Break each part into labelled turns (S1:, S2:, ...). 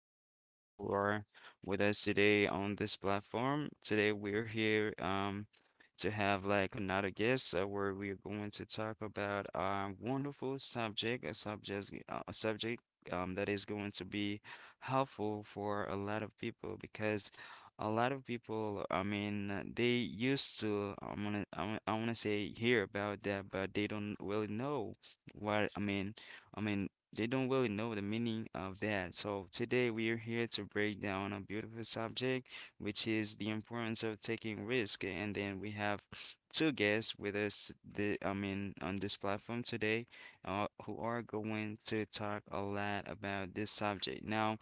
S1: guests so are with us today on this platform. Today we're here to have like another guest where we're going to talk about a wonderful subject, a subject that is going to be helpful for a lot of people because a lot of people, I mean, they used to, I am going to I wanna say hear about that, but they don't really know what I mean, they don't really know the meaning of that. So today we are here to break down a beautiful subject, which is the importance of taking risk. And then we have two guests with us, the I mean, on this platform today, who are going to talk a lot about this subject. Now,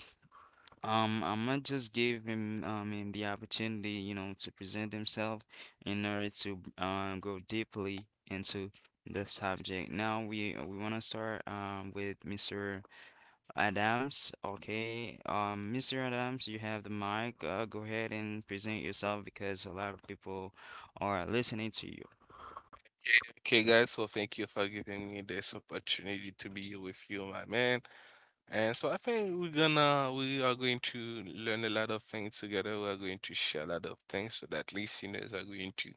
S1: I might just give him, I mean, the opportunity, you know, to present himself in order to go deeply into the subject. Now we want to start with Mr. Adams. Okay, Mr. Adams, you have the mic. Go ahead and present yourself because a lot of people are listening to you.
S2: Okay, okay, guys. So thank you for giving me this opportunity to be with you, my man. And so I think we are going to learn a lot of things together. We are going to share a lot of things so that listeners are going to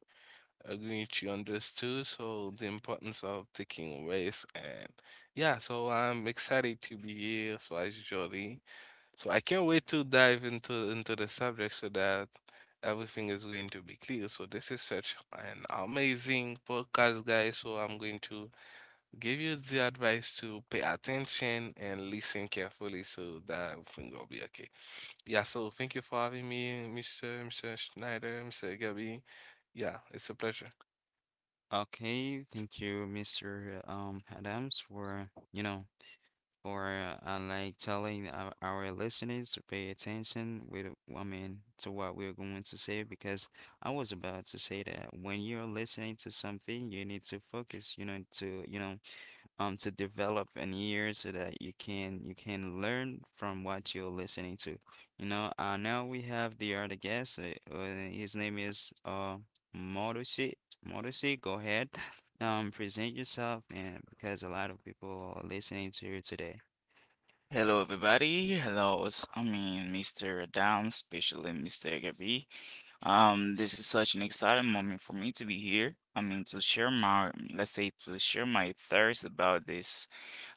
S2: are going to understand. So the importance of taking risks and yeah. So I'm excited to be here. So as usually. So I can't wait to dive into the subject so that everything is going to be clear. So this is such an amazing podcast, guys. So I'm going to give you the advice to pay attention and listen carefully so that everything will be okay. Yeah, so thank you for having me, Mr. Schneider, Mr. Gabby. Yeah, it's a pleasure.
S1: Okay, thank you, Mr. Adams, for, or I like telling our listeners to pay attention with, I mean, to what we're going to say because I was about to say that when you're listening to something, you need to focus, you know, to develop an ear so that you can learn from what you're listening to. You know, now we have the other guest. His name is Motoshi. Motoshi, go ahead. Present yourself, and because a lot of people are listening to you today.
S3: Hello, everybody. Hello, Mr. Adam, especially Mr. Gabby. This is such an exciting moment for me to be here. I mean, to share my, let's say, to share my thoughts about this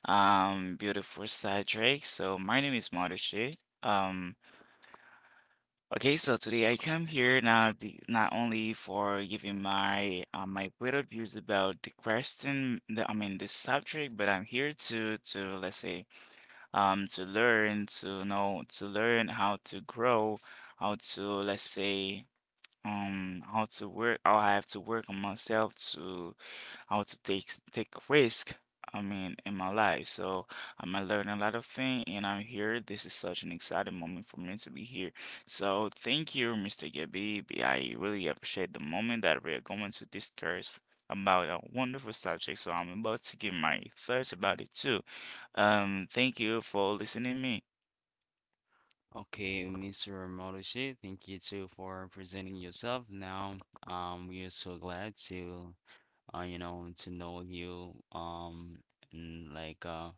S3: beautiful side track. So, my name is Modishi. Um, okay, so today I come here not only for giving my point of views about the question, the, I mean, the subject, but I'm here to let's say to learn, to know, to learn how to grow, how to, let's say, how to work, how I have to work on myself to how to take risk. I mean, in my life, so I'm learning a lot of things, and I'm here. This is such an exciting moment for me to be here. So thank you, Mr. Gabby. I really appreciate the moment that we are going to discuss about a wonderful subject. So I'm about to give my thoughts about it too. Thank you for listening me.
S1: Okay, Mr. Morishi, thank you too for presenting yourself. Now, we are so glad to you know, to know you, and like,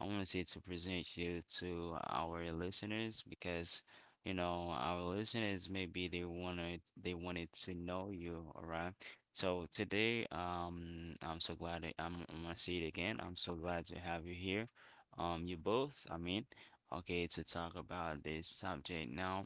S1: I want to say to present you to our listeners because, you know, our listeners maybe they wanted to know you, all right? So today, I'm so glad that I'm gonna say it again. I'm so glad to have you here, you both. I mean, okay, to talk about this subject now.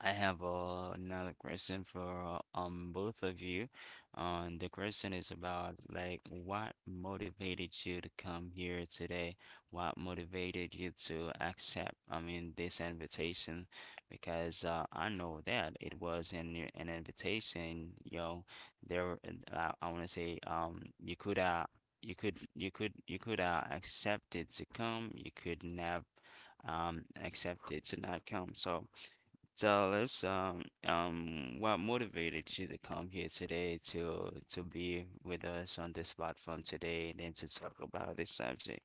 S1: I have another question for both of you. The question is about like what motivated you to come here today? What motivated you to accept, I mean, this invitation? Because I know that it was an invitation, you know, there were- I want to say you could you could accept it to come, you could not accept it to not come. So tell us, what motivated you to come here today to be with us on this platform today and then to talk about this subject?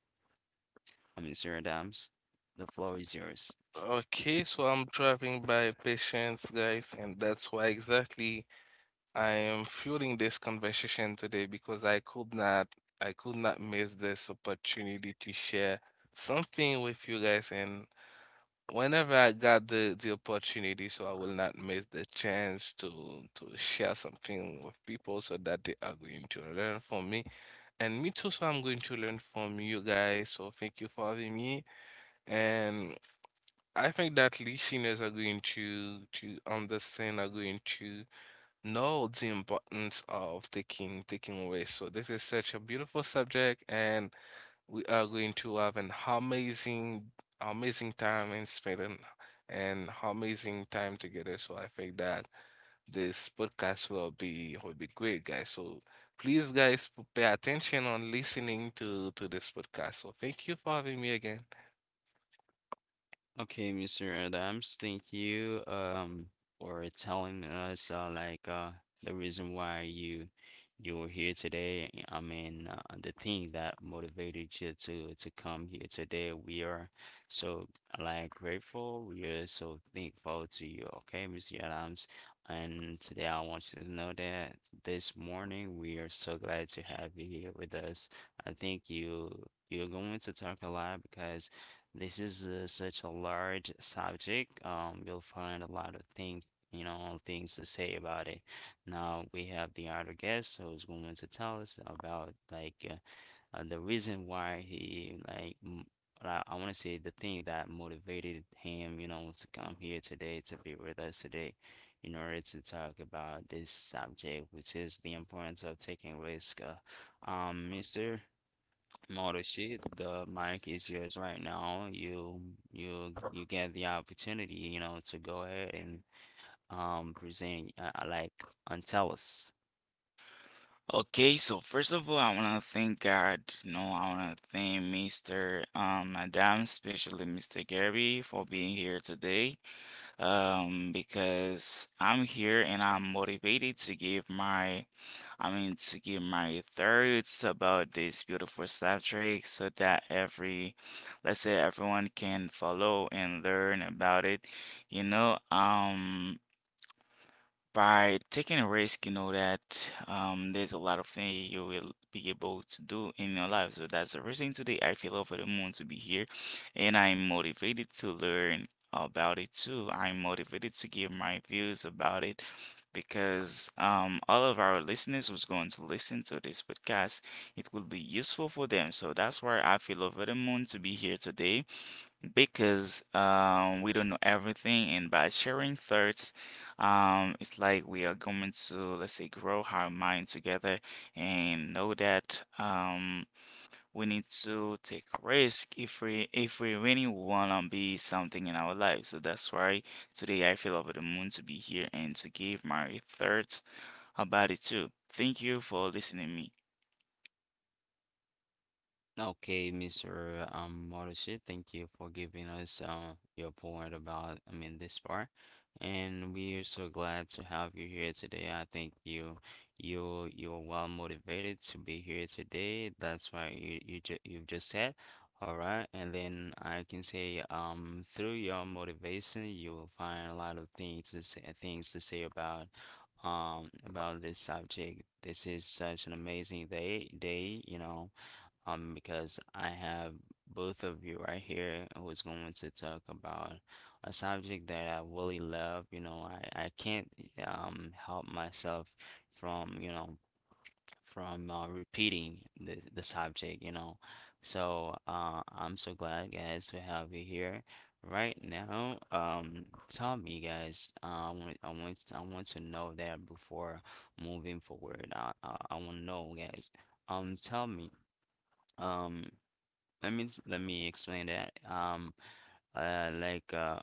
S1: I mean, Sir Adams, the floor is yours.
S2: Okay, so I'm driving by patience, guys, and that's why exactly I am fueling this conversation today because I could not miss this opportunity to share something with you guys, and whenever I got the opportunity, so I will not miss the chance to share something with people so that they are going to learn from me. And me too, so I'm going to learn from you guys. So thank you for having me. And I think that listeners are going to understand, are going to know the importance of taking risks. So this is such a beautiful subject, and we are going to have an amazing, amazing time in Sweden and amazing time together. So I think that this podcast will be great, guys. So please, guys, pay attention on listening to this podcast. So thank you for having me again.
S1: Okay, Mr. Adams, thank you for telling us like the reason why you were here today. I mean, the thing that motivated you to come here today. We are so like grateful. We are so thankful to you. Okay, Mr. Adams, and today I want you to know that this morning we are so glad to have you here with us. I think you're going to talk a lot because. This is such a large subject. You'll find a lot of things, you know, things to say about it. Now we have the other guest who's going to tell us about like the reason why he I want to say the thing that motivated him, you know, to come here today to be with us today in order to talk about this subject, which is the importance of taking risk. Mr. Moroshi, the mic is yours right now. You get the opportunity, you know, to go ahead and present like and tell us.
S3: Okay, so first of all, I wanna thank God. You know, I wanna thank Mr. Madam, especially Mr. Gary, for being here today. Because I'm here and I'm motivated to give my, I mean, to give my thoughts about this beautiful subject, so that every, let's say, everyone can follow and learn about it. You know, um. By taking a risk, you know that there's a lot of things you will be able to do in your life. So that's the reason today I feel over the moon to be here, and I'm motivated to learn about it too. I'm motivated to give my views about it because all of our listeners who's going to listen to this podcast, it will be useful for them. So that's why I feel over the moon to be here today because we don't know everything, and by sharing thoughts, it's like we are going to, let's say, grow our mind together and know that we need to take a risk if we really wanna be something in our life. So that's why today I feel over the moon to be here and to give my thoughts about it too. Thank you for listening to me.
S1: Okay, Mr. Moroshi, thank you for giving us your point about, I mean, this part. And we are so glad to have you here today. I think you're well motivated to be here today. That's why you've just said, all right. And then I can say, through your motivation, you will find a lot of things to say about this subject. This is such an amazing day, you know because I have both of you right here who's going to talk about a subject that I really love. You know, I can't help myself from, you know, from repeating the subject, you know. So, I'm so glad, guys, to have you here. Right now, tell me, guys. I want to know that before moving forward. I want to know, guys. Tell me. Um, let me s- let me explain that. Like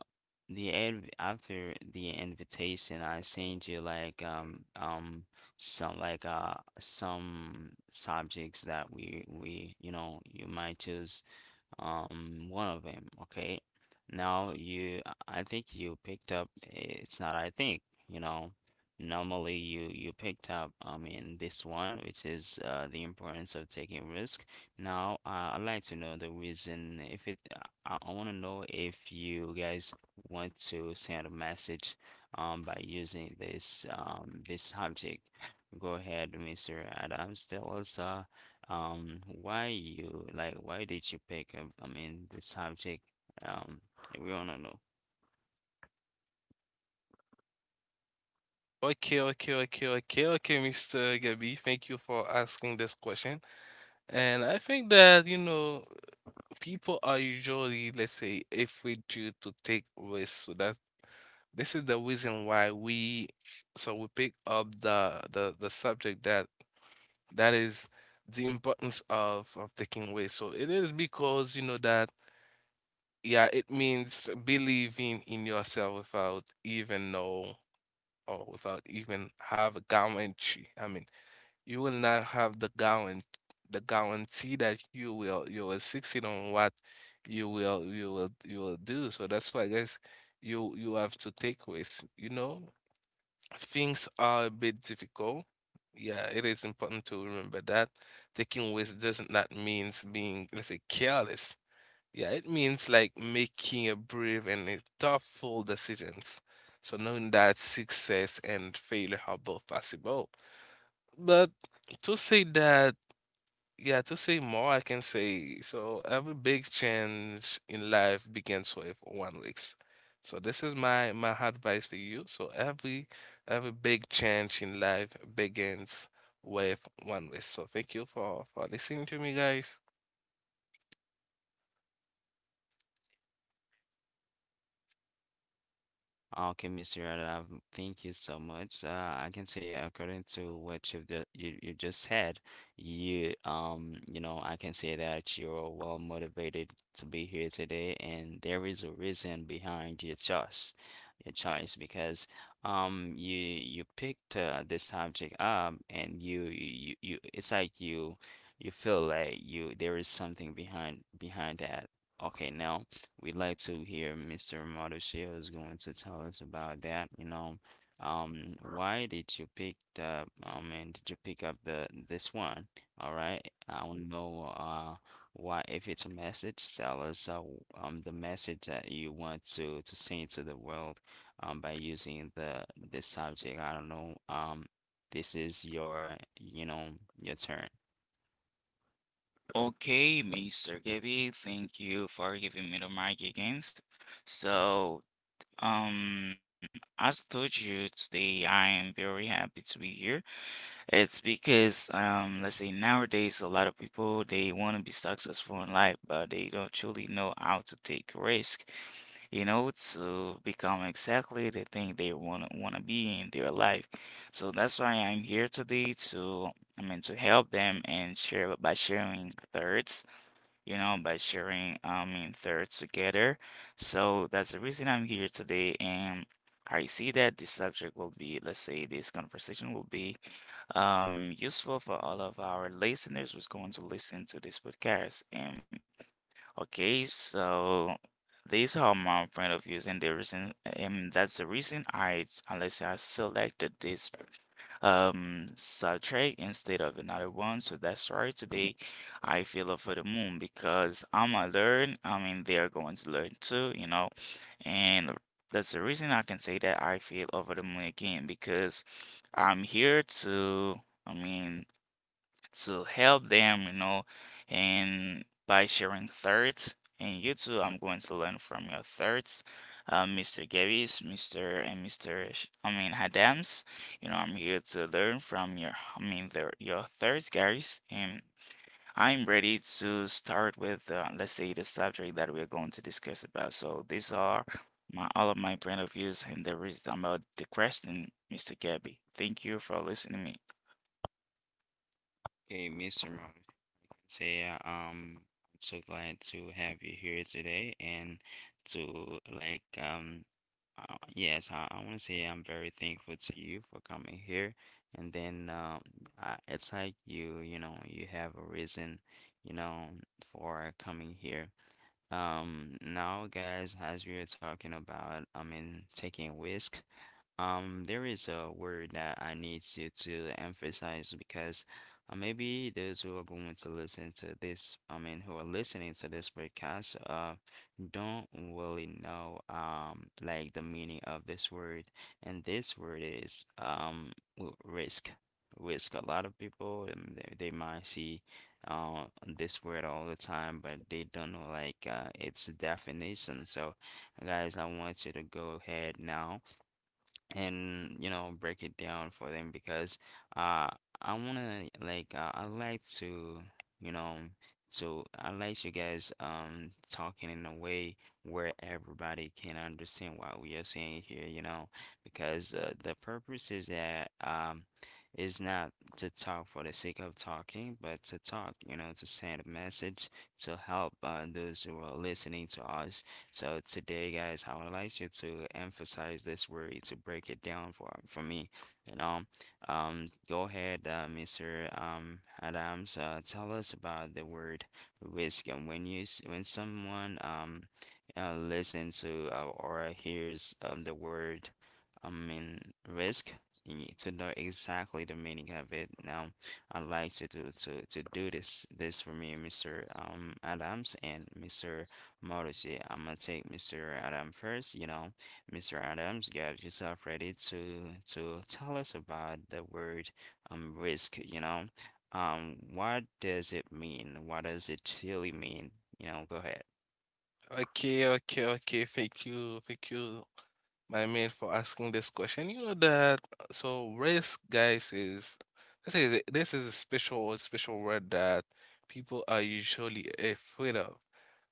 S1: the ad after the invitation, I sent you like some like some subjects that we you know you might choose one of them, okay. Now I think you picked up, eh, it's not I think, you know, normally you picked up, I mean, this one, which is the importance of taking risk. Now, I'd like to know the reason if it, I want to know if you guys want to send a message by using this subject. Go ahead, Mr. Adams, tell us why you like why did you pick up, I mean, the subject? Um, we wanna know.
S2: Okay, okay, okay, okay, okay, Mr. Gabi. Thank you for asking this question. And I think that, you know, people are usually, let's say, afraid to take risks. So that's This is the reason why we pick up the subject that is the importance of taking away. So it is because you know that yeah, it means believing in yourself without even know or without even have a guarantee. I mean, you will not have the guarantee that you will succeed on what you will do. So that's why guys you have to take risks, you know, things are a bit difficult. Yeah, it is important to remember that taking risks doesn't not means being, let's say, careless. Yeah, it means like making a brave and a thoughtful decisions. So knowing that success and failure are both possible. But to say that yeah, to say more, I can say so every big change in life begins with one week. So this is my advice for you. So every big change in life begins with one week. So thank you for listening to me, guys.
S1: Okay, Mr. Arab, thank you so much. I can say according to what you just said, you know I can say that you're well motivated to be here today, and there is a reason behind your choice because you you picked this subject up, and you, it's like you feel like you there is something behind that. Okay, now. We'd like to hear Mr. Marushio is going to tell us about that, you know. Why did you pick the, I mean, did you pick up the this one? All right. I don't know why if it's a message, tell us the message that you want to send to the world by using the this subject. I don't know. This is your, you know, your turn.
S3: Okay, Mr. Gabby, thank you for giving me the mic again. So Um, as I told you today, I am very happy to be here. It's because, let's say nowadays, a lot of people they want to be successful in life, but they don't truly know how to take risk, you know, to become exactly the thing they want to be in their life. So that's why I'm here today to, I mean, to help them and share by sharing thoughts, you know, by sharing, I mean, thirds together. So that's the reason I'm here today. And I see that this subject will be, let's say, this conversation will be useful for all of our listeners who's going to listen to this podcast. And okay, so these are my point of views, and the reason, and that's the reason I, unless I selected this subtract instead of another one. So that's why today I feel up for the moon because I'm gonna learn. I mean, they're going to learn too, you know. And that's the reason I can say that I feel over the moon again because I'm here to, I mean, to help them, you know, and by sharing thoughts. And you too, I'm going to learn from your thoughts, Mr. Gavis, Mr. Adams. You know, I'm here to learn from your, I mean, their, your thoughts, guys. And I'm ready to start with, let's say, the subject that we're going to discuss about. So these are my all of my point of views and the reason about the question, Mr. Gabby. Thank you for listening to me.
S1: Okay, Mr. say uh, um I'm so glad to have you here today and to like yes I want to say I'm very thankful to you for coming here and then I, it's like you know you have a reason you know for coming here now, guys, as we are talking about, I mean, taking risk, there is a word that I need you to emphasize because maybe those who are going to listen to this, I mean, who are listening to this podcast, don't really know, like the meaning of this word. And this word is, risk. Risk. A lot of people, they might see uh, this word all the time, but they don't know like its definition. So, guys, I want you to go ahead now and you know break it down for them because uh I wanna I like to you know to I like you guys talking in a way where everybody can understand what we are saying here, you know, because the purpose is that is not to talk for the sake of talking but to talk, you know, to send a message to help those who are listening to us. So today, guys, I would like you to emphasize this word to break it down for me. You know, go ahead, Mr. Adams, tell us about the word risk. And when when someone listens to or hears the word, I mean risk. You need to know exactly the meaning of it. Now, I'd like you to do this for me, Mr. Adams and Mr. Morrissey. I'm gonna take Mr. Adam first. You know, Mr. Adams, get yourself ready to tell us about the word risk. You know, what does it mean? What does it really mean? You know, go ahead.
S2: Okay, okay, okay. Thank you, thank you. My mate for asking this question. You know that so risk, guys, is this is a special word that people are usually afraid of.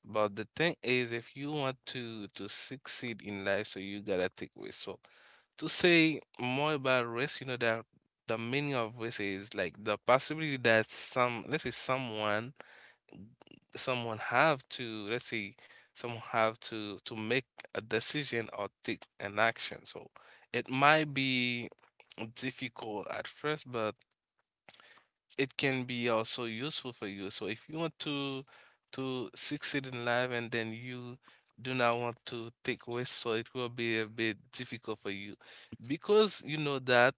S2: But the thing is, if you want to succeed in life, so you gotta take risk. So to say more about risk, you know that the meaning of risk is like the possibility that let's say someone have to let's say someone have to make a decision or take an action so it might be difficult at first but it can be also useful for you so if you want to succeed in life and then you do not want to take risk so it will be a bit difficult for you because you know that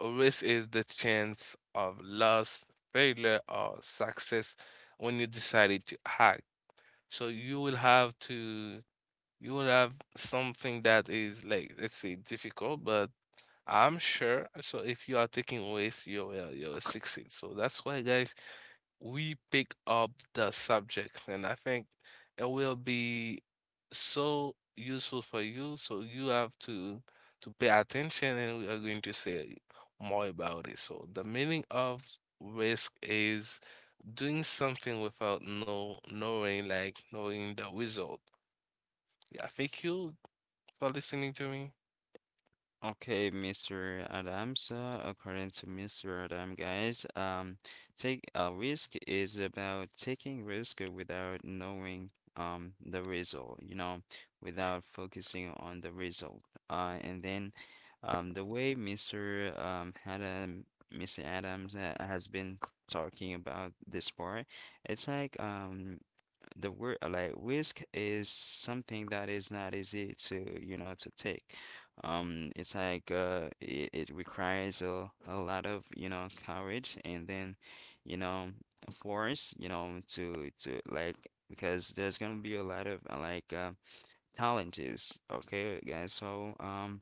S2: a risk is the chance of loss, failure or success when you decided to act, so you will have something that is like let's say difficult, but I'm sure. So if you are taking risks, you will succeed. So that's why, guys, we pick up the subject, and I think it will be so useful for you. So you have to pay attention, and we are going to say more about it. So the meaning of risk is doing something without knowing like knowing the result. Yeah, thank you for listening to me.
S1: Okay, Mr. Adams, according to Mr. Adam, guys, take a risk is about taking risk without knowing the result, you know, without focusing on the result. And then, the way Mr. Adam, Mr. Adams ha has been talking about this part. It's like the word like risk is something that is not easy to to take. It's like it requires a lot of courage, and then you know force, you know, to like, because there's gonna be a lot of like challenges. Okay, guys. So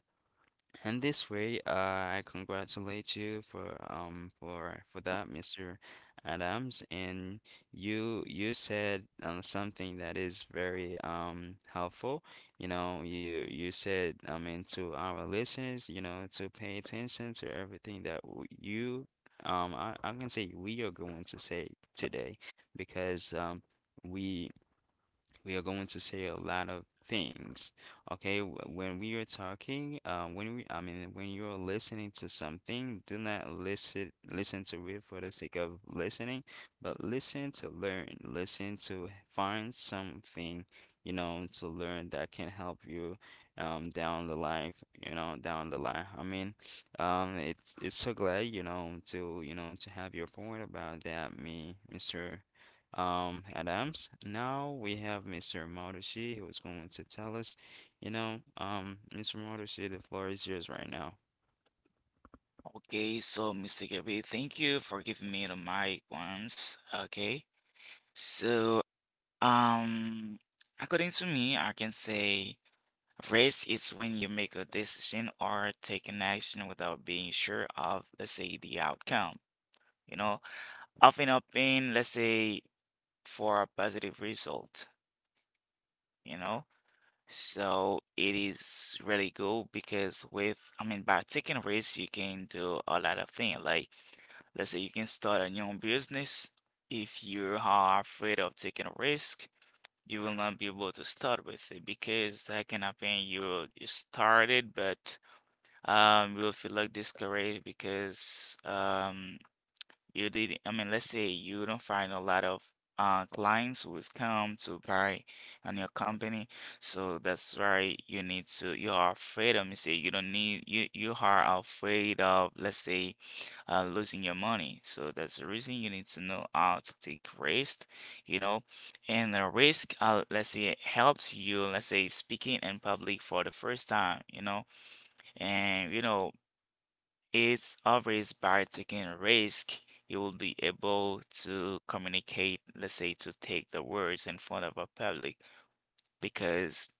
S1: and this way, I congratulate you for that, Mr. Adams. And you said, something that is very helpful. You know, you said, I mean, to our listeners, you know, to pay attention to everything that you I, can say we are going to say today, because we we are going to say a lot of things. Okay, when we are talking, when we, I mean, when you're listening to something, do not listen to it for the sake of listening, but listen to learn, listen to find something, you know, to learn, that can help you down the life, you know, down the line. I mean, it's so glad, you know, to to have your point about that, me, Mr. Adams. Now we have Mr. Marushi who is going to tell us, you know. Mr. Marushi, the floor is yours right now.
S3: Okay, so Mr. Gabby, thank you for giving me the mic once. Okay, so um, according to me, I can say race is when you make a decision or take an action without being sure of, let's say, the outcome. You know, often up in, let's say, for a positive result. You know. So it is really good because with, I mean, by taking risks, you can do a lot of things. Like, let's say you can start a new business. If you are afraid of taking a risk, you will not be able to start with it because that can happen. You started, but you will feel like discouraged because you did, I mean, let's say you don't find a lot of clients who is come to buy on your company. So that's why you need to, you are afraid of, me say you don't need, you are afraid of, let's say, losing your money. So that's the reason you need to know how to take risk, you know. And the risk, let's say, helps you, let's say, speaking in public for the first time, you know. And you know, it's always by taking a risk, you will be able to communicate, let's say, to take the words in front of a public because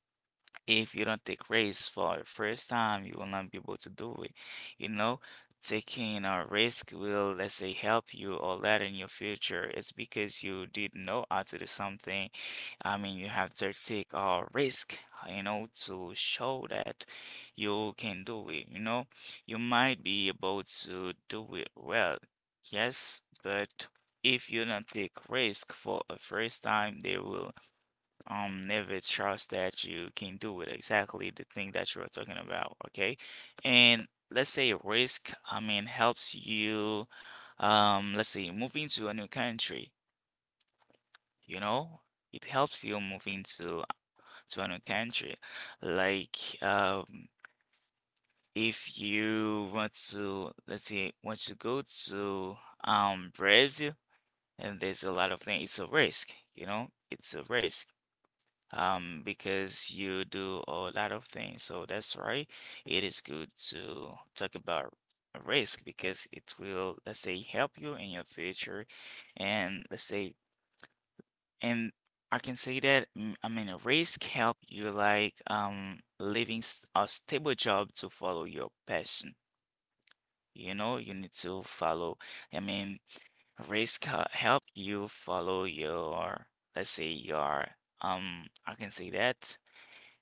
S3: if you don't take risks for the first time, you will not be able to do it. You know, taking a risk will, let's say, help you or later in your future. It's because you didn't know how to do something. I mean, you have to take a risk, you know, to show that you can do it. You know, you might be able to do it well, yes, but if you don't take risk for a first time, they will never trust that you can do it exactly, the thing that you were talking about. Okay. And let's say risk, I mean, helps you, let's say, move into a new country, you know. It helps you move into to a new country, like if you want to, let's say, want to go to Brazil. And there's a lot of things. It's a risk, you know, it's a risk, because you do a lot of things. So that's why it is good to talk about risk, because it will, let's say, help you in your future. And let's say, and I can say that, I mean, risk help you, like, leaving a stable job to follow your passion. You know, you need to follow, I mean, risk help you follow your, let's say, your, I can say that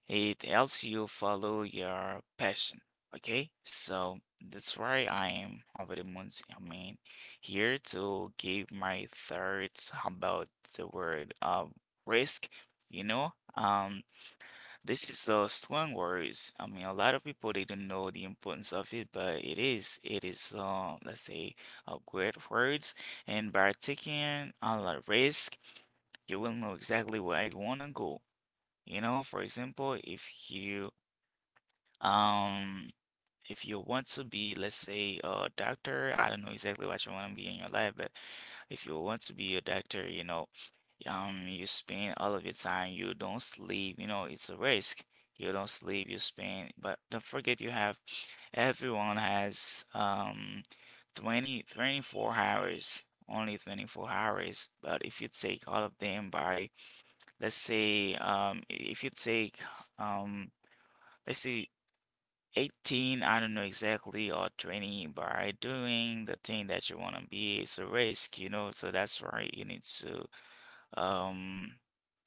S3: it helps you follow your passion. Okay, so that's why I am Harvey Moons. I mean, here to give my thoughts about the word risk. You know, this is a strong word. I mean, a lot of people they don't know the importance of it, but it is. It is, let's say, a great word. And by taking a lot of risk, you will know exactly where you wanna go. You know, for example, um if you want to be, let's say, a doctor, I don't know exactly what you want to be in your life, but if you want to be a doctor, you know, you spend all of your time, you don't sleep, you know, it's a risk. You don't sleep, you spend, but don't forget you have everyone has twenty twenty four hours, only 24 hours. But if you take all of them by, let's say, if you take um let's see, 18, I don't know exactly, or 20, by doing the thing that you want to be, it's a risk, you know. So that's why you need um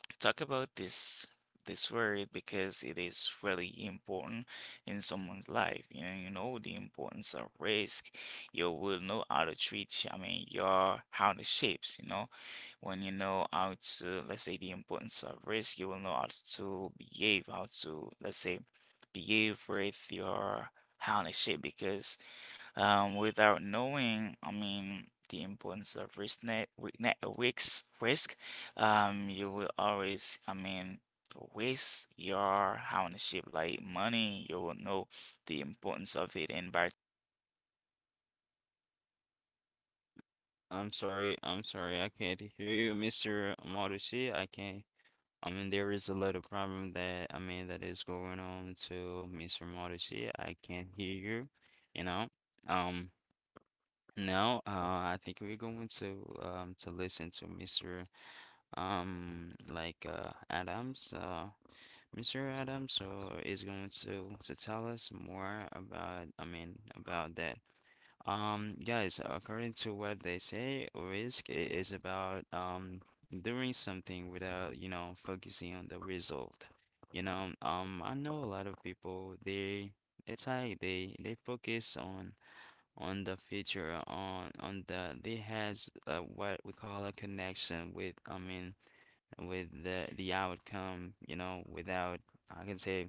S3: to talk about this word because it is really important in someone's life. You know the importance of risk. You will know how to treat, I mean, your how the shapes, you know. When you know how to, let's say, the importance of risk, you will know how to behave, how to, let's say, behave with your how the shape because without knowing, I mean, the importance of risk net, net risk, risk, you will always, I mean, waste your ownership like money. You will know the importance of it, and by taking risks, you will know the importance of your.
S1: I'm sorry, I can't hear you, Mr. Marushi. I can't. I mean, there is a little problem that, I mean, that is going on to Mr. Marushi. I can't hear you, you know. Um, now, I think we're going to listen to Mr. Adams. Mr. Adams, so, is going to tell us more about, I mean, about that. Guys, according to what they say, risk is about doing something without, you know, focusing on the result. You know, I know a lot of people, they, it's like they focus on the future, on the, they has what we call a connection with, I mean, with the outcome, you know, without, I can say,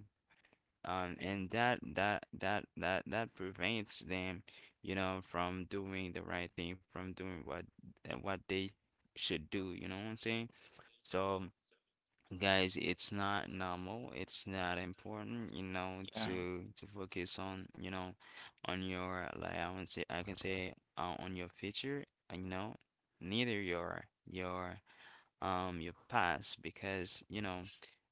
S1: and that prevents them, you know, from doing the right thing, from doing what they should do, you know what I'm saying? So guys, it's not normal, it's not important, you know, to focus on, you know, on your, like, I would say, I can say, on your future, you know, neither your your past, because you know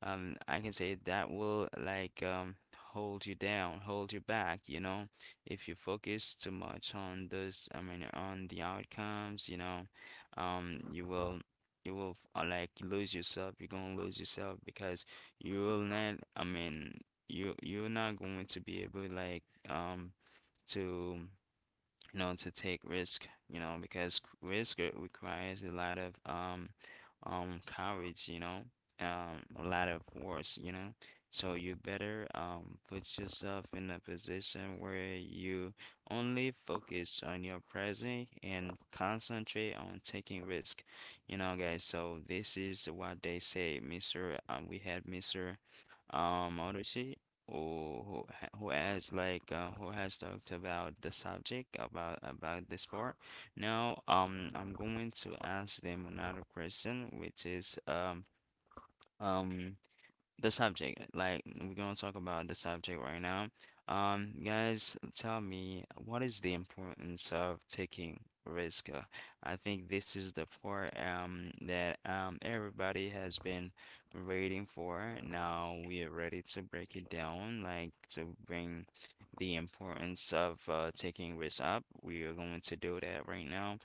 S1: I can say that will, like, hold you down, hold you back, you know. If you focus too much on those, I mean, on the outcomes, you know, you will, you will, like lose yourself. You're gonna lose yourself, because you will not, I mean, you, you're not going to be able, like, um to, you know, to take risk, you know, because risk requires a lot of courage, you know, a lot of force, you know. So you better put yourself in a position where you only focus on your present and concentrate on taking risk, you know, guys. So this is what they say. Mr. We had Mr. Odyssey, who who has, like, who has talked about the subject about this part. Now, I'm going to ask them another question, which is um the subject. Like, we're gonna talk about the subject right now. Guys, tell me, what is the importance of taking risk? I think this is the part that everybody has been waiting for. Now we are ready to break it down, like, to bring the importance of taking risk up. We are going to do that right now.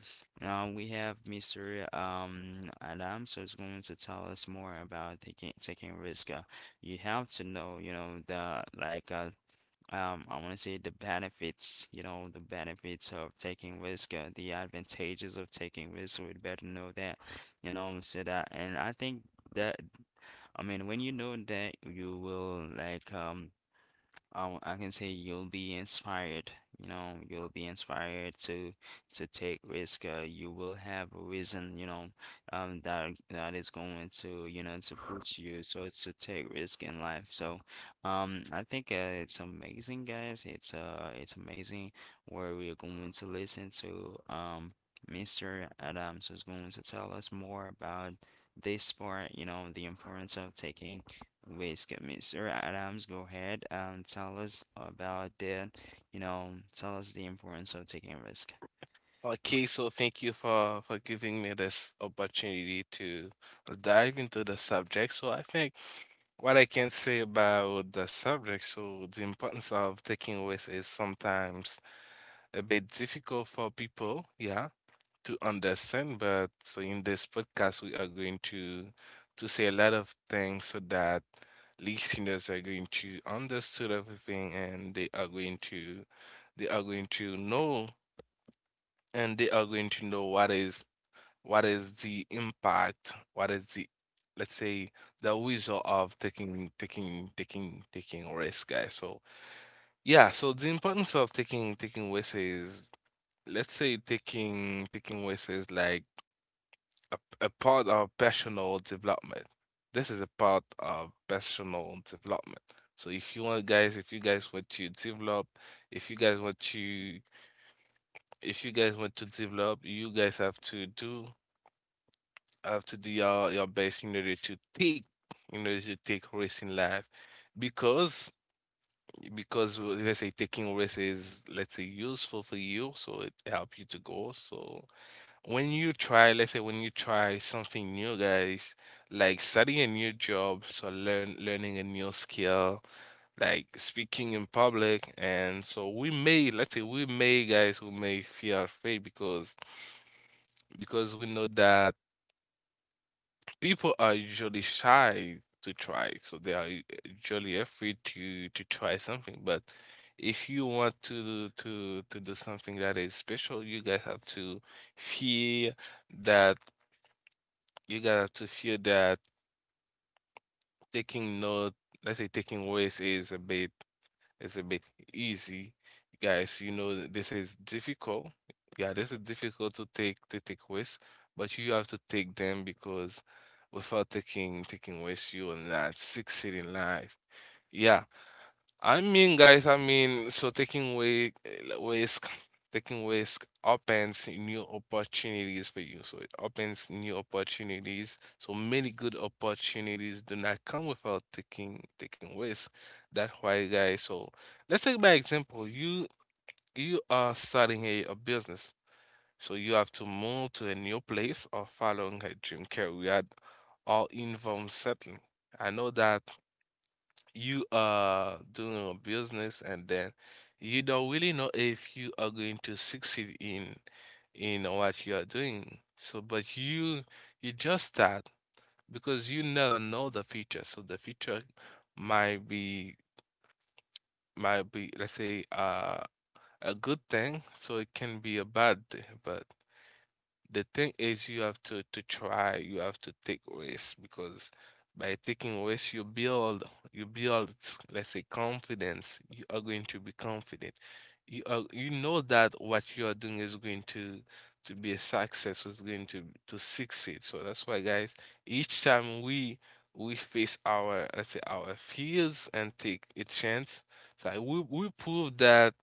S1: We have Mr. Adam, so, it's going to tell us more about taking risk. You have to know, you know, the, like, I want to say, the benefits, you know, the benefits of taking risk, the advantages of taking risk. We'd better know that, you know, so that, and I think that, I mean, when you know that, you will, like, I can say, you'll be inspired. You know, you'll be inspired to take risk. You will have a reason, you know, that is going to, you know, to push you. So it's to take risk in life. So I think it's amazing, guys. It's amazing, where we're going to listen to Mr. Adams, who's going to tell us more about this part. You know, the importance of taking. Please give me, Sir Adams, go ahead and tell us about the, you know, tell us the importance of taking risk.
S2: Okay, so thank you for giving me this opportunity to dive into the subject. So I think what I can say about the subject, so the importance of taking risks is sometimes a bit difficult for people, yeah, to understand, but so in this podcast, we are going to say a lot of things so that listeners are going to understand everything and they are going to know, and they are going to know what is the impact, what is the, let's say, the result of taking risk, guys. So yeah, so the importance of taking risks is, let's say, taking risks is like a, a part of personal development. This is a part of personal development. So if you guys want to develop, if you guys want to, if you guys want to develop, you guys have to do your best in order to take risks in life, because because let's say taking risks is let's say useful for you, so it help you to go. So when you try, let's say when you try something new, guys, like starting a new job, so learning a new skill, like speaking in public, and so we may, let's say we may, guys, we may fear our, because because we know that people are usually shy to try, so they are usually afraid to try something. But if you want to do something that is special, fear that you guys have to feel that taking note, let's say, taking waste is a bit easy. Guys, you know that this is difficult. Yeah, this is difficult to take waste, but you have to take them because without taking waste, you will not succeed in life. Yeah. I mean, guys, I mean, so taking away risk, taking risk opens new opportunities for you. So it opens new opportunities. So many good opportunities do not come without taking risk. That's why, guys. So let's take by example. You are starting a business, so you have to move to a new place or following a dream career, or involve settling. I know that you are doing a business and then you don't really know if you are going to succeed in what you are doing. So, but you just start because you never know the future. So the future might be might be let's say a good thing, so it can be a bad thing. But the thing is, you have to try, you have to take risks because by taking risks, you build, let's say, confidence. You are going to be confident. You know that what you are doing is going to be a success, is going to succeed. So that's why, guys, each time we face our, let's say, our fears and take a chance. So we prove that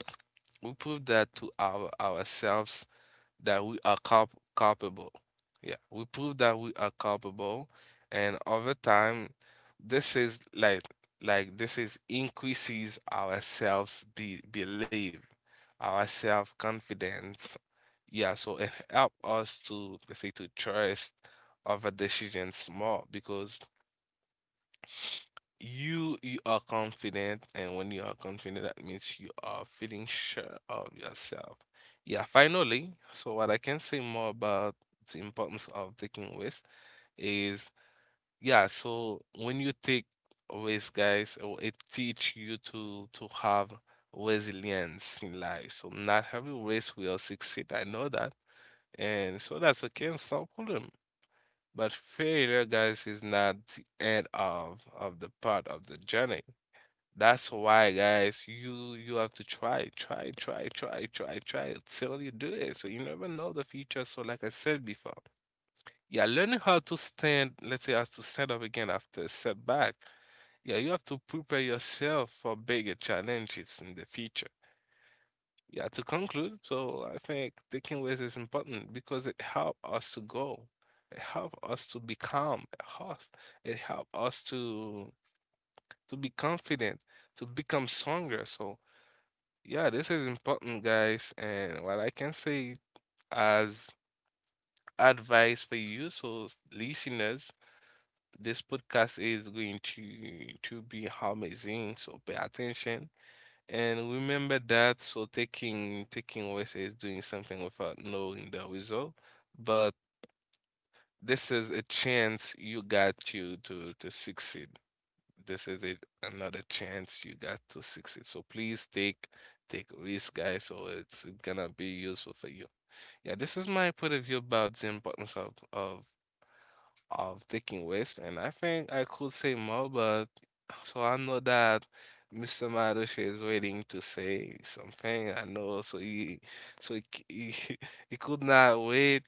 S2: we prove that to ourselves that we are culpable. Yeah, we prove that we are culpable, and over time, this is like this is increases our self be belief, our self confidence. Yeah, so it help us to let's say to trust other decisions more because you are confident, and when you are confident, that means you are feeling sure of yourself. Yeah, finally, so what I can say more about the importance of taking risk is yeah, so when you take risk, guys, it teach you to have resilience in life. So not every risk will succeed. I know that. And so that's okay, it's no problem. But failure, guys, is not the end of the part of the journey. That's why, guys, you have to try, try, try, try, try, try till you do it. So you never know the future. So like I said before, yeah, learning how to stand, let's say how to stand up again after a setback. Yeah, you have to prepare yourself for bigger challenges in the future. Yeah, to conclude, so I think taking risks is important because it helps us to grow. It helps us to become us. It helps us to be confident, to become stronger. So yeah, this is important, guys. And what I can say as advice for you, so listeners, this podcast is going to be amazing. So pay attention and remember that. So taking risks is doing something without knowing the result, but this is a chance you got to succeed. This is it, another chance you got to succeed. So please take a risk, guys. So it's gonna be useful for you. Yeah, this is my point of view about the importance of taking risk, and I think I could say more, but so I know that Mr. Marushi is waiting to say something. I know, so he he, he could not wait.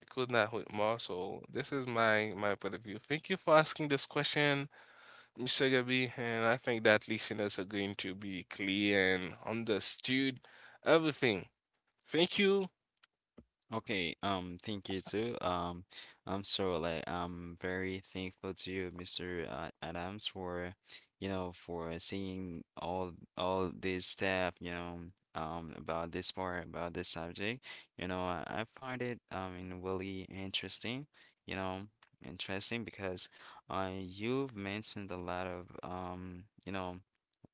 S2: He could not wait more. So this is my point of view. Thank you for asking this question. Mr. Gabi, and I think that listeners are going to be clear and understood everything. Thank you.
S1: Okay, thank you too. I'm so, like, I'm very thankful to you, Mr. Adams, for you know, for seeing all this stuff, you know, about this part, about this subject. You know, I find it, I mean, really interesting, you know, interesting, because you've mentioned a lot of you know,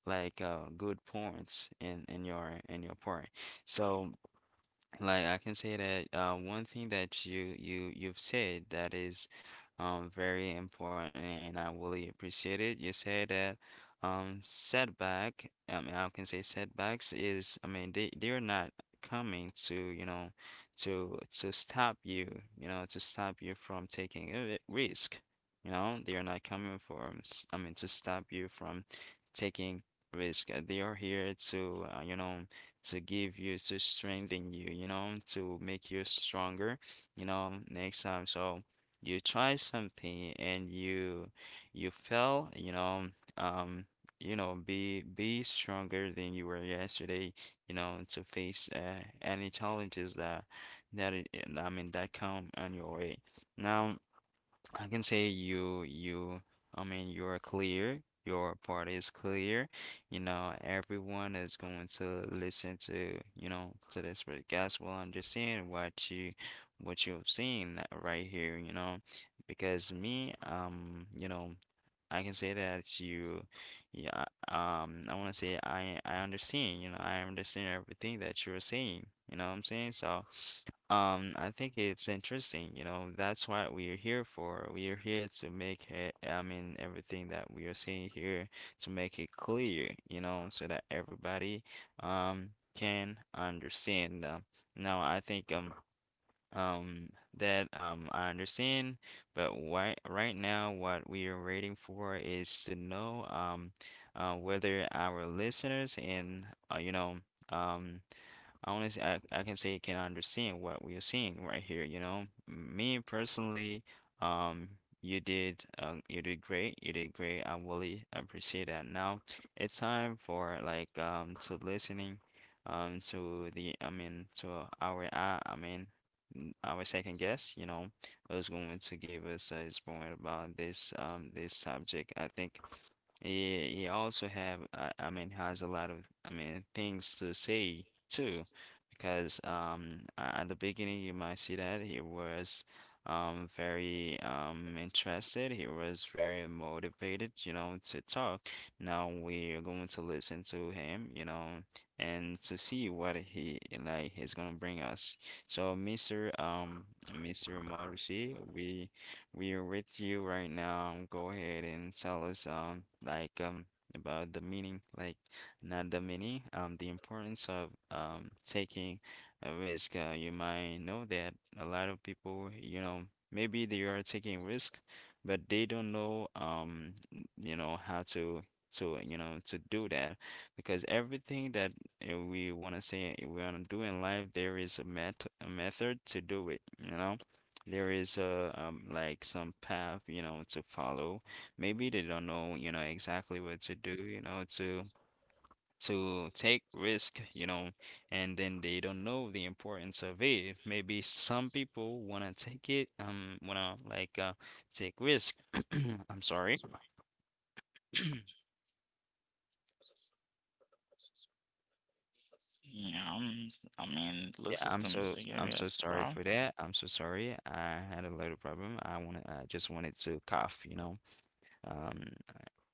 S1: like, good points in your in your part. So. Like, I can say that one thing that you you've said, that is very important, and I really appreciate it. You said that setback, I mean, I can say, setbacks is, I mean, they're not coming to, you know, to stop you, you know, to stop you from taking a risk. You know, they are not coming for I mean, to stop you from taking risk. They are here to, you know, to give you, to strengthen you, you know, to make you stronger, you know, next time. So you try something, and you fail, um, you know, be stronger than you were yesterday, you know, to face any challenges that that it, I mean, that come on your way. Now, I can say, you I mean, you're clear, your part is clear. You know, everyone is going to listen to, you know, to this podcast, will understand what you, what you've seen right here, you know. Because me, you know, I can say that you, yeah, I want to say, I, understand, you know, I understand everything that you're saying, you know what I'm saying? So I think it's interesting, you know, that's what we're here for. We are here to make it, I mean, everything that we are saying here, to make it clear, you know, so that everybody, can understand. Now, I think, um that I understand, but right now what we are waiting for is to know whether our listeners, and you know, um honestly, I, can say, you can understand what we are seeing right here, you know. Me personally, um, you did, you did great. You did great. I really appreciate that. Now it's time for, like, to listening to the, I mean, to our I mean our second guest, you know, who's going to give us his point about this this subject. I think he also have I mean, has a lot of, I mean, things to say too, because at the beginning, you might see that he was very interested. He was very motivated, you know, to talk. Now we are going to listen to him, you know, and to see what he, like, he's gonna bring us. So Mr. Mr. Marushi, we are with you right now. Go ahead and tell us about the meaning, like, not the many. The importance of taking a risk. You might know that a lot of people, you know, maybe they are taking risk, but they don't know, you know, how to you know, to do that, because everything that we want to say, we want to do in life, there is a met a method to do it. You know, there is a like some path, you know, to follow. Maybe they don't know, you know, exactly what to do, you know, to take risk, you know, and then they don't know the importance of it. Maybe some people wanna take it, wanna, like, take risk. I'm sorry. Yeah, I'm so, I'm so sorry for that. I'm so sorry. I had a little problem. I wanna, I just wanted to cough, you know. Um,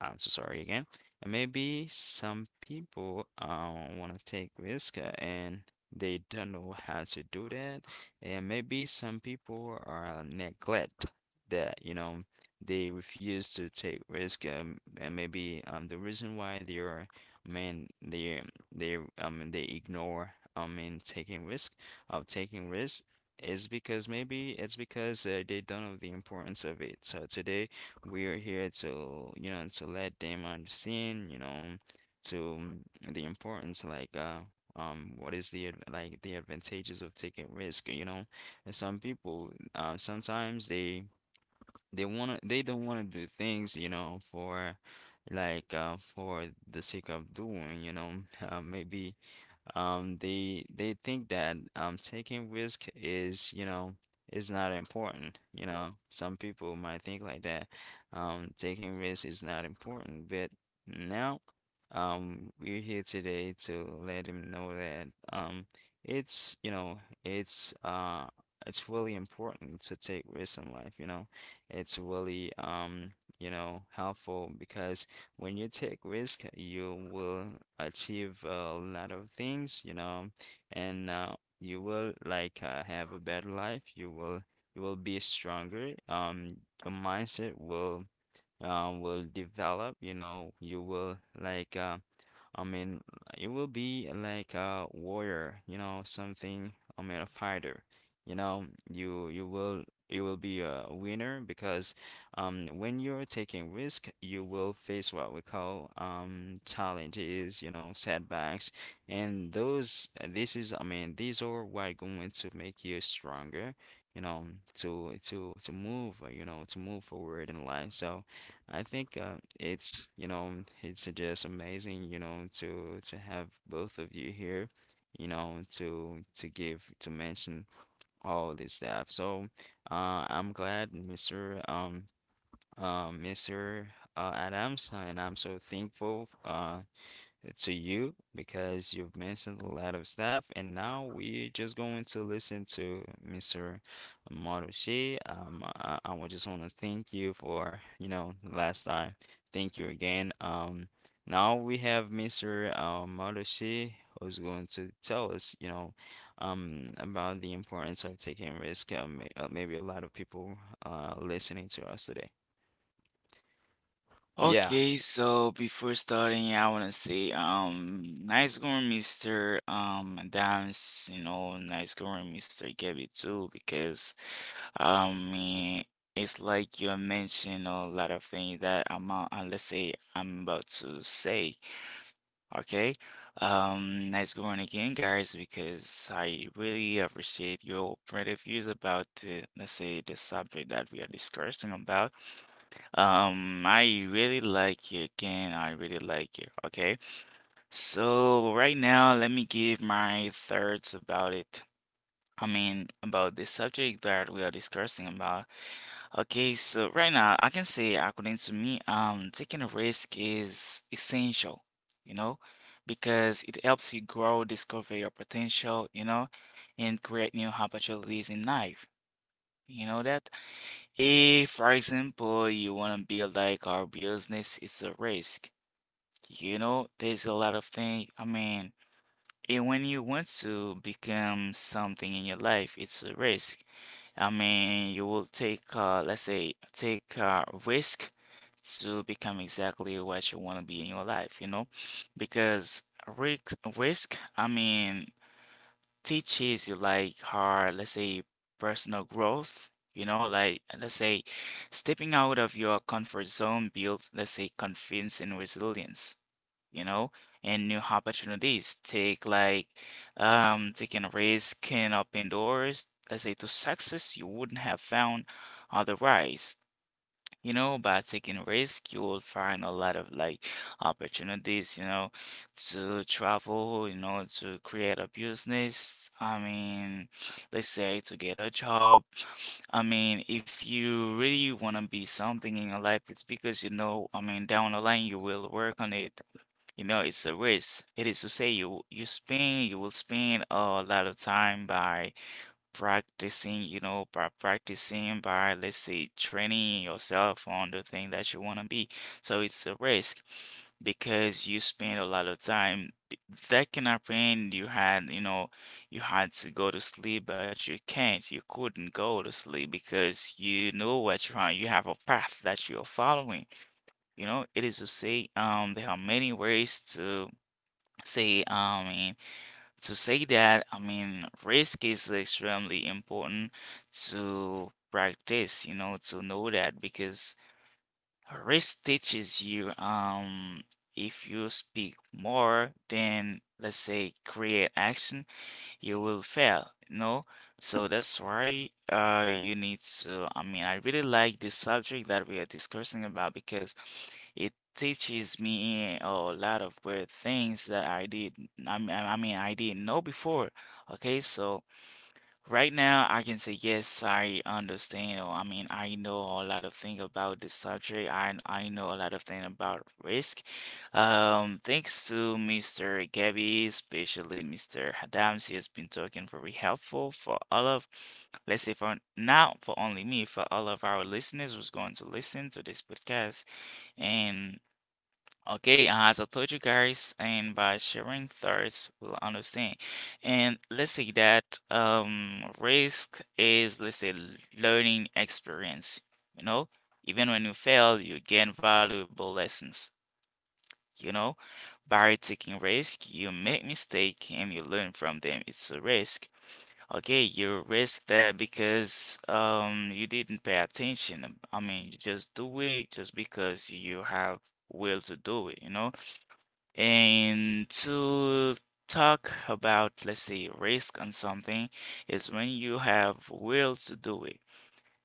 S1: I am so sorry again. And maybe some people, want to take risk, and they don't know how to do that. And maybe some people are neglect that, you know, they refuse to take risk. And maybe the reason why I mean, they they ignore, taking risk of taking risk is because maybe it's because they don't know the importance of it. So today. We're here to, to let them understand, you know, to the importance, what is like the advantages of taking risk, you know? And some people, sometimes they don't wanna do things, you know, for for the sake of doing, you know. Maybe they think that taking risk is, you know, is not important, you know. Some people might think like that. Taking risk is not important, but now we're here today to let them know that it's, it's uh it's really important to take risks in life, you know. It's really, you know, helpful because when you take risk, you will achieve a lot of things, you know, and you will have a better life. You will be stronger. Your mindset will develop. You know, you will I mean, it will be like a warrior, you know, something. I mean, a fighter. You know, you will be a winner because when you're taking risk, you will face what we call challenges, you know, setbacks, and those this is I mean these are what going to make you stronger, you know, to move, you know, to move forward in life. I think it's, you know, it's just amazing, you know, to have both of you here, you know, to give to mention all this stuff. So I'm glad Mr., Mr., Adams, and I'm so thankful to you because you've mentioned a lot of stuff, and now we're just going to listen to Mr. Marushi. I would just want to thank you for, you know, last time. Thank you again. Now we have Mr., Marushi, who's going to tell us, you know, about the importance of taking risk. Maybe a lot of people listening to us today. Yeah.
S3: Okay, so before starting, I want to say, nice going, Mr. Adams, you know, nice going, Mr. Gabby, too, because, um, eh, it's like you mentioned a lot of things that let's say, I'm about to say, okay? Nice going again, guys, because I really appreciate your point of views about the, let's say, the subject that we are discussing about. I really like it, Ken. I really like it. Okay. So right now, let me give my thoughts about it. I mean, about the subject that we are discussing about. Okay, so right now, I can say, according to me, taking a risk is essential, you know, because it helps you grow, discover your potential, you know, and create new opportunities in life. You know that? If, for example, you want to build like our business, it's a risk. You know, there's a lot of things. I mean, and when you want to become something in your life, it's a risk. I mean, you will take, let's say, take a risk to become exactly what you want to be in your life, you know? Because risk, I mean, teaches you like her, let's say, personal growth, you know, like let's say stepping out of your comfort zone builds, let's say, confidence and resilience, you know, and new opportunities. Take like taking a risk can open doors, let's say, to success you wouldn't have found otherwise. You know, by taking risk, you will find a lot of like opportunities, you know, to travel, you know, to create a business. I mean, let's say to get a job. I mean, if you really want to be something in your life, it's because you know, I mean, down the line you will work on it. You know, it's a risk. It is to say you will spend a lot of time by practicing, you know, by practicing by, let's say, training yourself on the thing that you want to be. So it's a risk because you spend a lot of time. That can happen. You had, you know, you had to go to sleep, but you can't. You couldn't go to sleep because you know what you're on. You have a path that you're following. You know, it is to say, there are many ways say, um, to say that, I mean, risk is extremely important to practice, you know, to know that because risk teaches you, if you speak more than, let's say, create action, you will fail, you know? So that's why you need to. I mean, I really like this subject that we are discussing about because it teaches me a lot of weird things that I did. I mean, I didn't know before. Okay, so. Right now, I can say yes, I understand, or I mean, I know a lot of thing about this subject. I know a lot of thing about risk. Thanks to Mr. Gabby, especially Mr. Adams, he has been talking very helpful for all of, let's say for now, for only me, for all of our listeners who's going to listen to this podcast. And okay, as I told you guys, and by sharing thoughts, we'll understand. And let's say that risk is, let's say, learning experience. You know, even when you fail, you gain valuable lessons. You know, by taking risk, you make mistake and you learn from them. It's a risk. Okay, you risk that because you didn't pay attention. I mean, you just do it just because you have will to do it. You know. And to talk about, let's say, risk on something is when you have will to do it.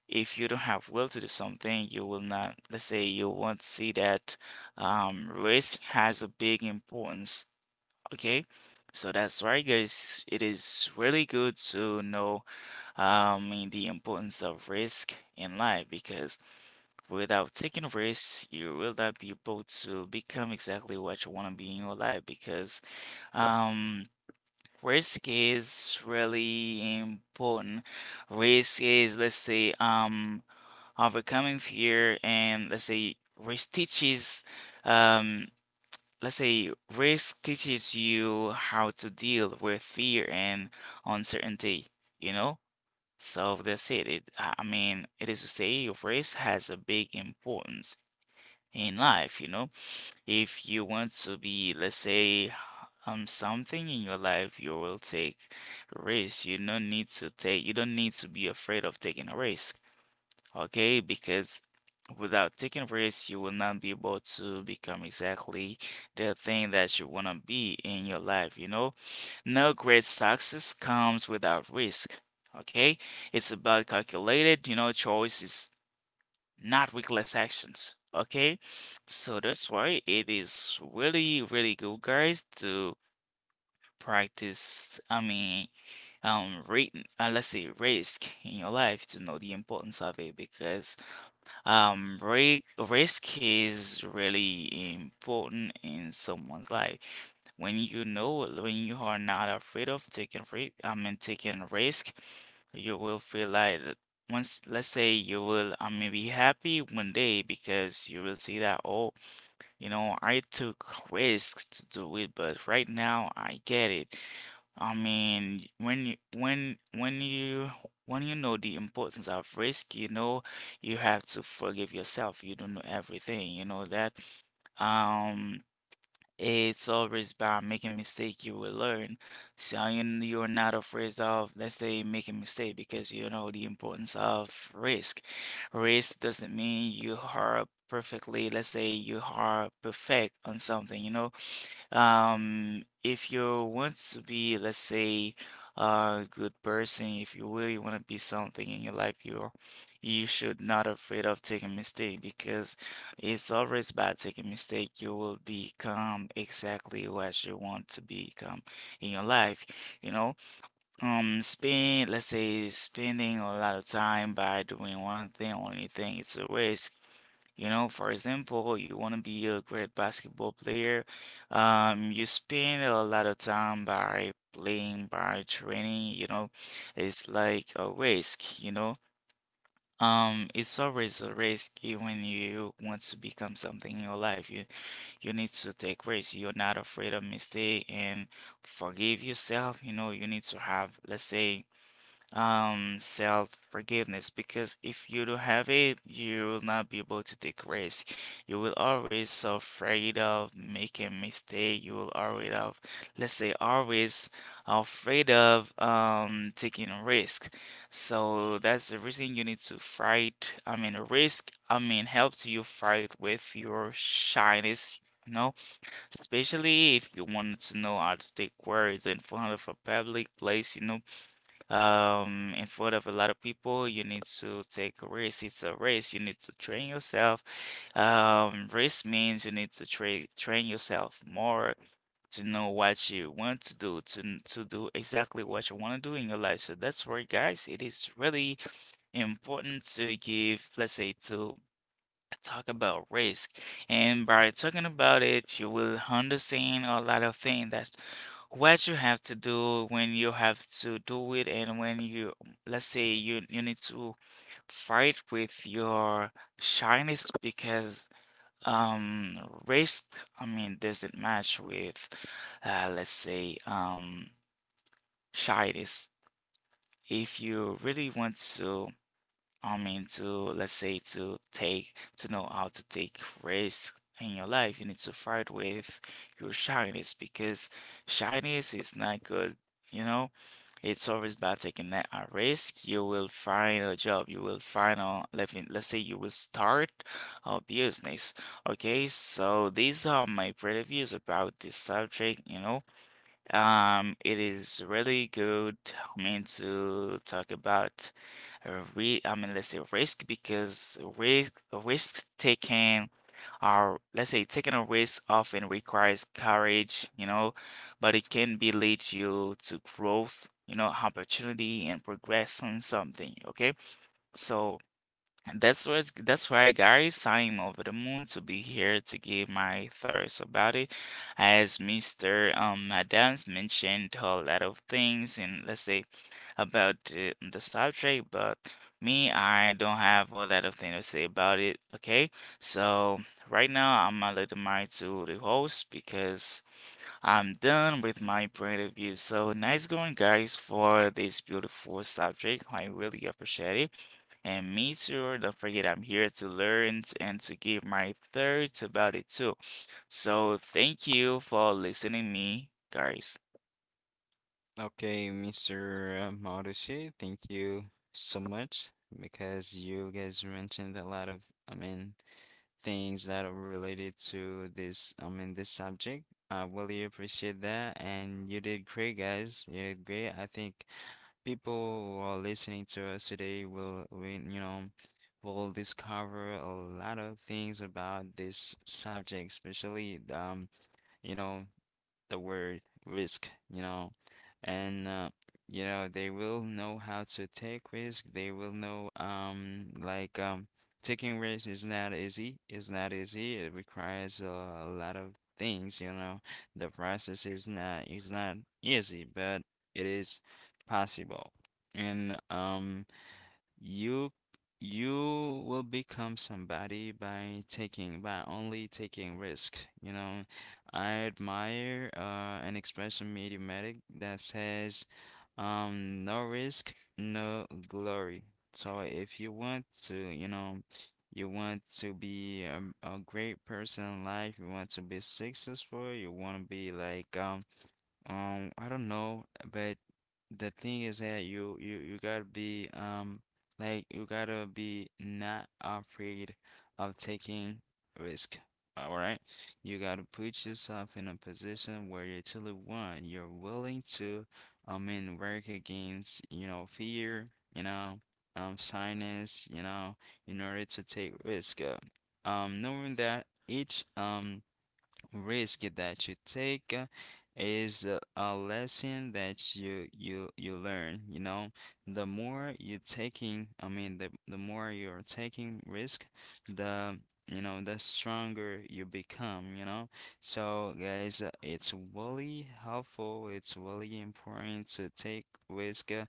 S3: If you don't have will to do something, you will not, let's say, you won't see that risk has a big importance. Okay? So that's why, guys, it is really good to know in the importance of risk in life because without taking risks, you will not be able to become exactly what you want to be in your life because um, risk is really important. Risk is, let's say, overcoming fear and let's say risk teaches, um, let's say risk teaches you how to deal with fear and uncertainty, you know? So that's it. It, it is to say risk has a big importance in life, you know? If you want to be, let's say, something in your life, you will take risks. You don't need to take, you don't need to be afraid of taking a risk, okay? Because without taking risks, you will not be able to become exactly the thing that you want to be in your life, you know? No great success comes without risk, okay? It's about calculated, you know, choices not reckless actions. Okay, so that's why it is really, really good, guys, to practice. I mean, um, rate, let's say risk in your life to know the importance of it because risk is really important in someone's life. When you know, when you are not afraid of I mean, taking risk, you will feel like that once let's say you will I mean be happy one day because you will see that oh you know I took risks to do it but right now I get it I mean when you know the importance of risk you know you have to forgive yourself you don't know everything you know that um it's always by making mistake you will learn. So you're not afraid of, let's say, making mistake because you know the importance of risk. Risk doesn't mean you are perfectly, let's say you are perfect on something, you know. If you want to be, let's say, a good person, if you really want to be something in your life, you should not afraid of taking mistake because it's always by taking mistake you will become exactly what you want to become in your life. You know, spend let's say spending a lot of time by doing one thing, only thing, it's a waste. You know, for example, you want to be a great basketball player. You spend a lot of time by playing, by training, you know. It's like a risk, you know. It's always a when you want to become something in your life. You need to take risks. You're not afraid of mistake and forgive yourself. You know, you need to have, let's say, self-forgiveness because if you don't have it you will not be able to take risks you will always so afraid of making mistake you will always of let's say always afraid of taking a risk so that's the reason you need to fight I mean risk I mean helps you fight with your shyness you know especially if you wanted to know how to take words in front of a public place you know in front of a lot of people you need to take a risk it's a race you need to train yourself risk means you need to train yourself more to know what you want to do to to do exactly what you want to do in your life so that's where guys it is really important to give let's say to talk about risk. And by talking about it, you will understand a lot of things that what you have to do when you have to do it and when you, let's say you need to fight with your shyness because um risk, I mean, doesn't match with let's say shyness. If you really want to I mean, to let's say to take to know how to take risk in your life, you need to fight with your shyness because shyness is not good. You know, it's always about taking that a risk. You will find a job. You will find a living. Let's say you will start a business. Okay, so these are my previews about this subject. You know, it is really good. I mean to talk about a re I mean let's say risk because risk taking or let's say taking a risk often requires courage, you know, but it can be lead you to growth, you know, opportunity and progress on something, okay? So and that's what's that's why guys, I am over the moon to be here to give my thoughts about it. As Mr. Adams mentioned a lot of things and let's say about the subject, but me I don't have a lot of things to say about it. Okay, so right now I'm gonna let the mic to the host because I'm done with my point of view. So nice going, guys, for this beautiful subject. I really appreciate it. And me too, don't forget I'm here to learn and to give my thoughts about it too. So thank you for listening me, guys.
S1: Okay, Mr. Marushi, thank you so much because you guys mentioned a lot of, I mean, things that are related to this, this subject. I really appreciate that, and you did great, guys. You did great. I think people who are listening to us today will, you know, will discover a lot of things about this subject, especially, you know, the word risk, you know, and you know, they will know how to take risk. They will know, taking risk is not easy. It's not easy. It requires a lot of things, you know. The process is not easy, but it is possible. And you will become somebody by taking, by only taking risk. You know, I admire an expression mediumatic that says, no risk, no glory. So if you want to, you know, you want to be a great person in life, you want to be successful, you want to be like, I don't know, but the thing is that you gotta be, you gotta be not afraid of taking risk. All right, you gotta put yourself in a position where you truly want. You're willing to, work against, you know, fear, you know, shyness, you know, in order to take risk. Knowing that each risk that you take is a lesson that you learn, you know. The more you're taking risk, the, you know, the stronger you become, you know. So guys, it's really helpful, it's really important to take risk,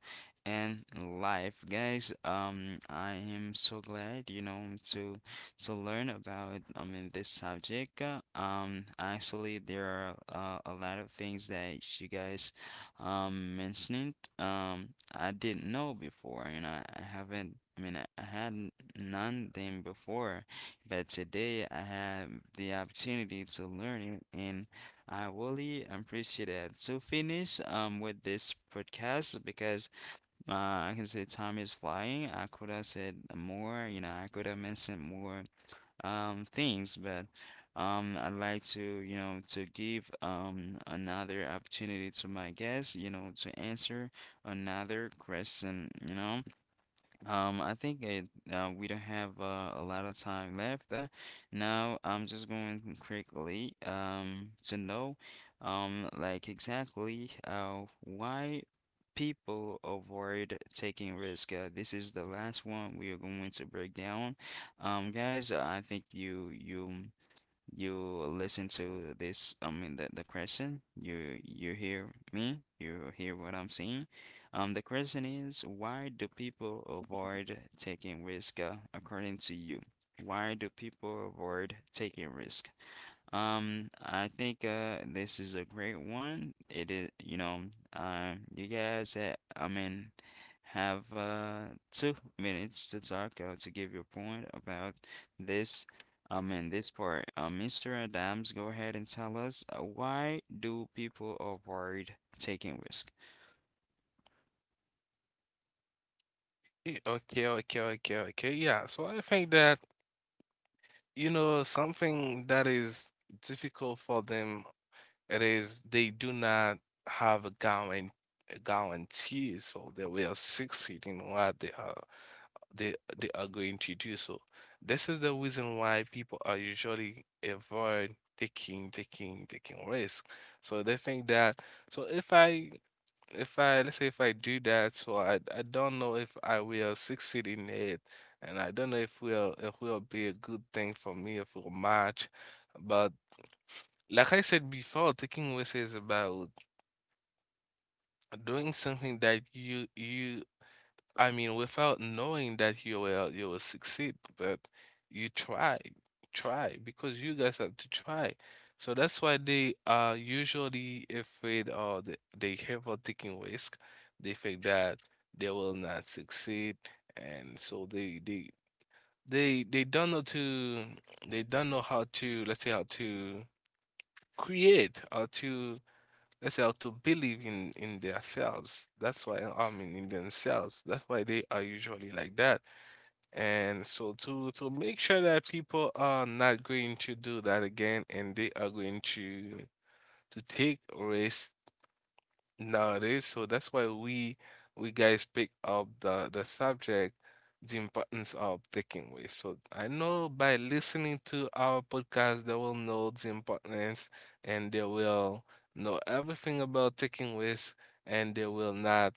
S1: in life, guys. I am so glad, you know, to learn about, this subject. Actually, there are a lot of things that you guys mentioned. I didn't know before. You know I haven't. I mean, I hadn't known them before, but today I have the opportunity to learn it, and I really appreciate it. To finish with this podcast, because uh, I can say time is flying. I could have said more, you know, I could have mentioned more things, but I'd like to, you know, to give another opportunity to my guest, you know, to answer another question, you know. I think it, we don't have a lot of time left. Now I'm just going quickly to know exactly why people avoid taking risk. This is the last one we are going to break down. Guys, I think you listen to this, the question, you hear me, you hear what I'm saying. The question is, why do people avoid taking risk, according to you? Why do people avoid taking risk? I think this is a great one. It is, you know, you guys, have two minutes to talk, to give your point about this. In this part, Mr. Adams, go ahead and tell us, why do people avoid taking risk?
S2: Okay, okay, okay, okay. Yeah, so I think that, you know, something that is difficult for them, it is they do not have a guarantee, so they will succeed in what they are going to do so. This is the reason why people are usually avoid taking risk. So they think that so if I let's say if I do that, so I don't know if I will succeed in it, and I don't know if will be a good thing for me if will match. But like I said before, taking risk is about doing something that you I mean, without knowing that you will succeed, but you try, try because you guys have to try. So that's why they, are usually afraid or they have of taking risk. They think that they will not succeed, and so they don't know to they don't know how to let's say how to create how to they have to believe in themselves. That's why I mean in themselves. That's why they are usually like that. And so to make sure that people are not going to do that again, and they are going to take risks nowadays. So that's why we guys pick up the subject, the importance of taking away. So I know by listening to our podcast, they will know the importance and they will know everything about taking waste, and they will not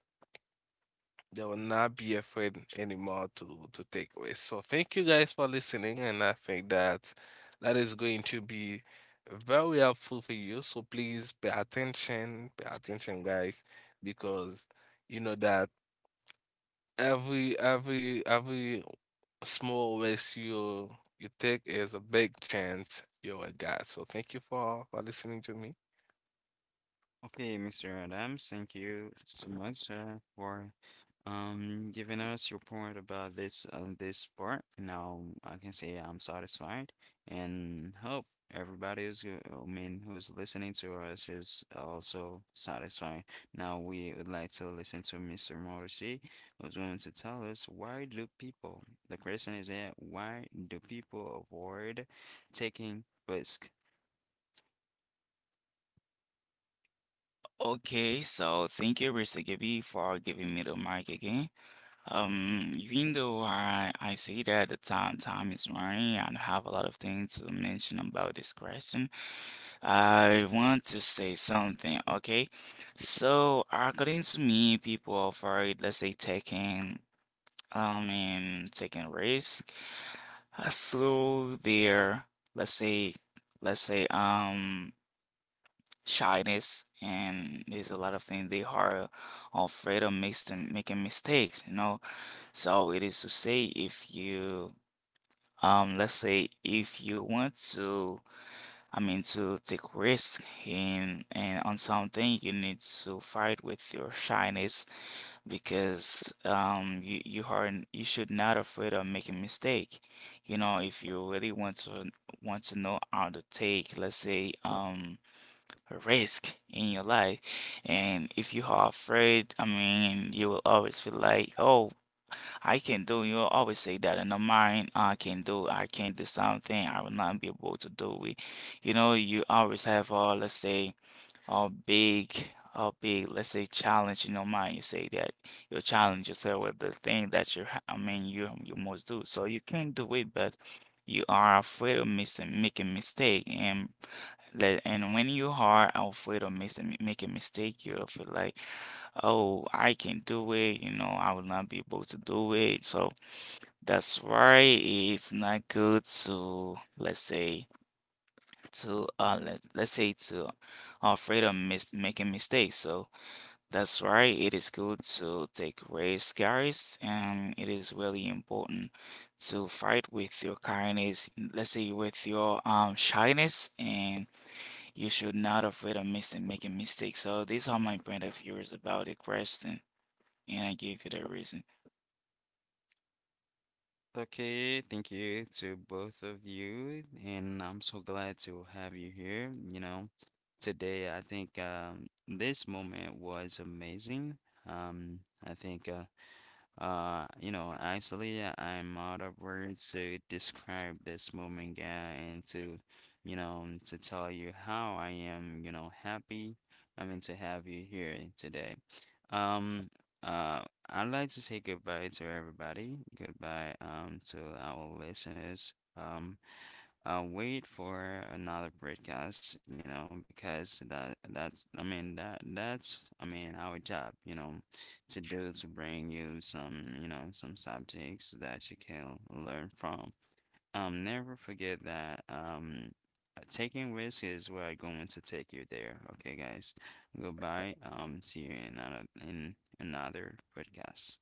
S2: they will not be afraid anymore to take risks. So thank you guys for listening, and I think that is going to be very helpful for you. So please pay attention, guys, because you know that every small risk you take is a big chance you're a god. So thank you for listening to me.
S1: Okay, Mr. Adams, thank you so much, for giving us your point about this, this part. Now I can say I'm satisfied, and hope everybody who's go- I mean who's listening to us is also satisfied. Now we would like to listen to Mr. Morrissey, who's going to tell us why do people, the question is here, why do people avoid taking risk?
S3: Okay, so thank you, Mr. Gibby, for giving me the mic again. Even though I see that the time is running and I have a lot of things to mention about this question, I want to say something, okay? So according to me, people are afraid, let's say taking and taking risks through their let's say let's say shyness and there's a lot of things they are afraid of making mistakes you know so it is to say if you let's say if you want to I mean to take risk in and on something you need to fight with your shyness because you should not afraid of making mistake. You know, if you really want to know how to take, let's say, a risk in your life, and if you are afraid, I mean, you will always feel like, oh, I can do. You will always say that in the mind, I can do something, I will not be able to do it. You know, you always have, let's say a big a big let's say challenge in your mind you say that you challenge yourself with the thing that you I mean you must do so you can do it but you are afraid of missing making mistake and let and when you are afraid of missing making mistake you feel like oh I can do it you know I will not be able to do it so that's why it's not good to let's say to let's say to are afraid of mis making mistakes. So that's why it is good to take risk, guys, and it is really important to fight with your kindness, let's say with your shyness, and you should not afraid of mis making mistakes. So these are my point of views about the question, and I gave you the reason.
S1: Okay, thank you to both of you, and I'm so glad to have you here. You know, today I think, this moment was amazing. I think You know, actually, I'm out of words to describe this moment, and to, you know, to tell you how I am, you know, happy. I mean, to have you here today. Um, uh, I'd like to say goodbye to everybody. Goodbye, to our listeners. I'll wait for another broadcast, you know, because that that's, our job, you know, to do, to bring you some, you know, some subjects that you can learn from. Never forget that taking risks is what are going to take you there. Okay, guys. Goodbye. See you in another, in another podcast.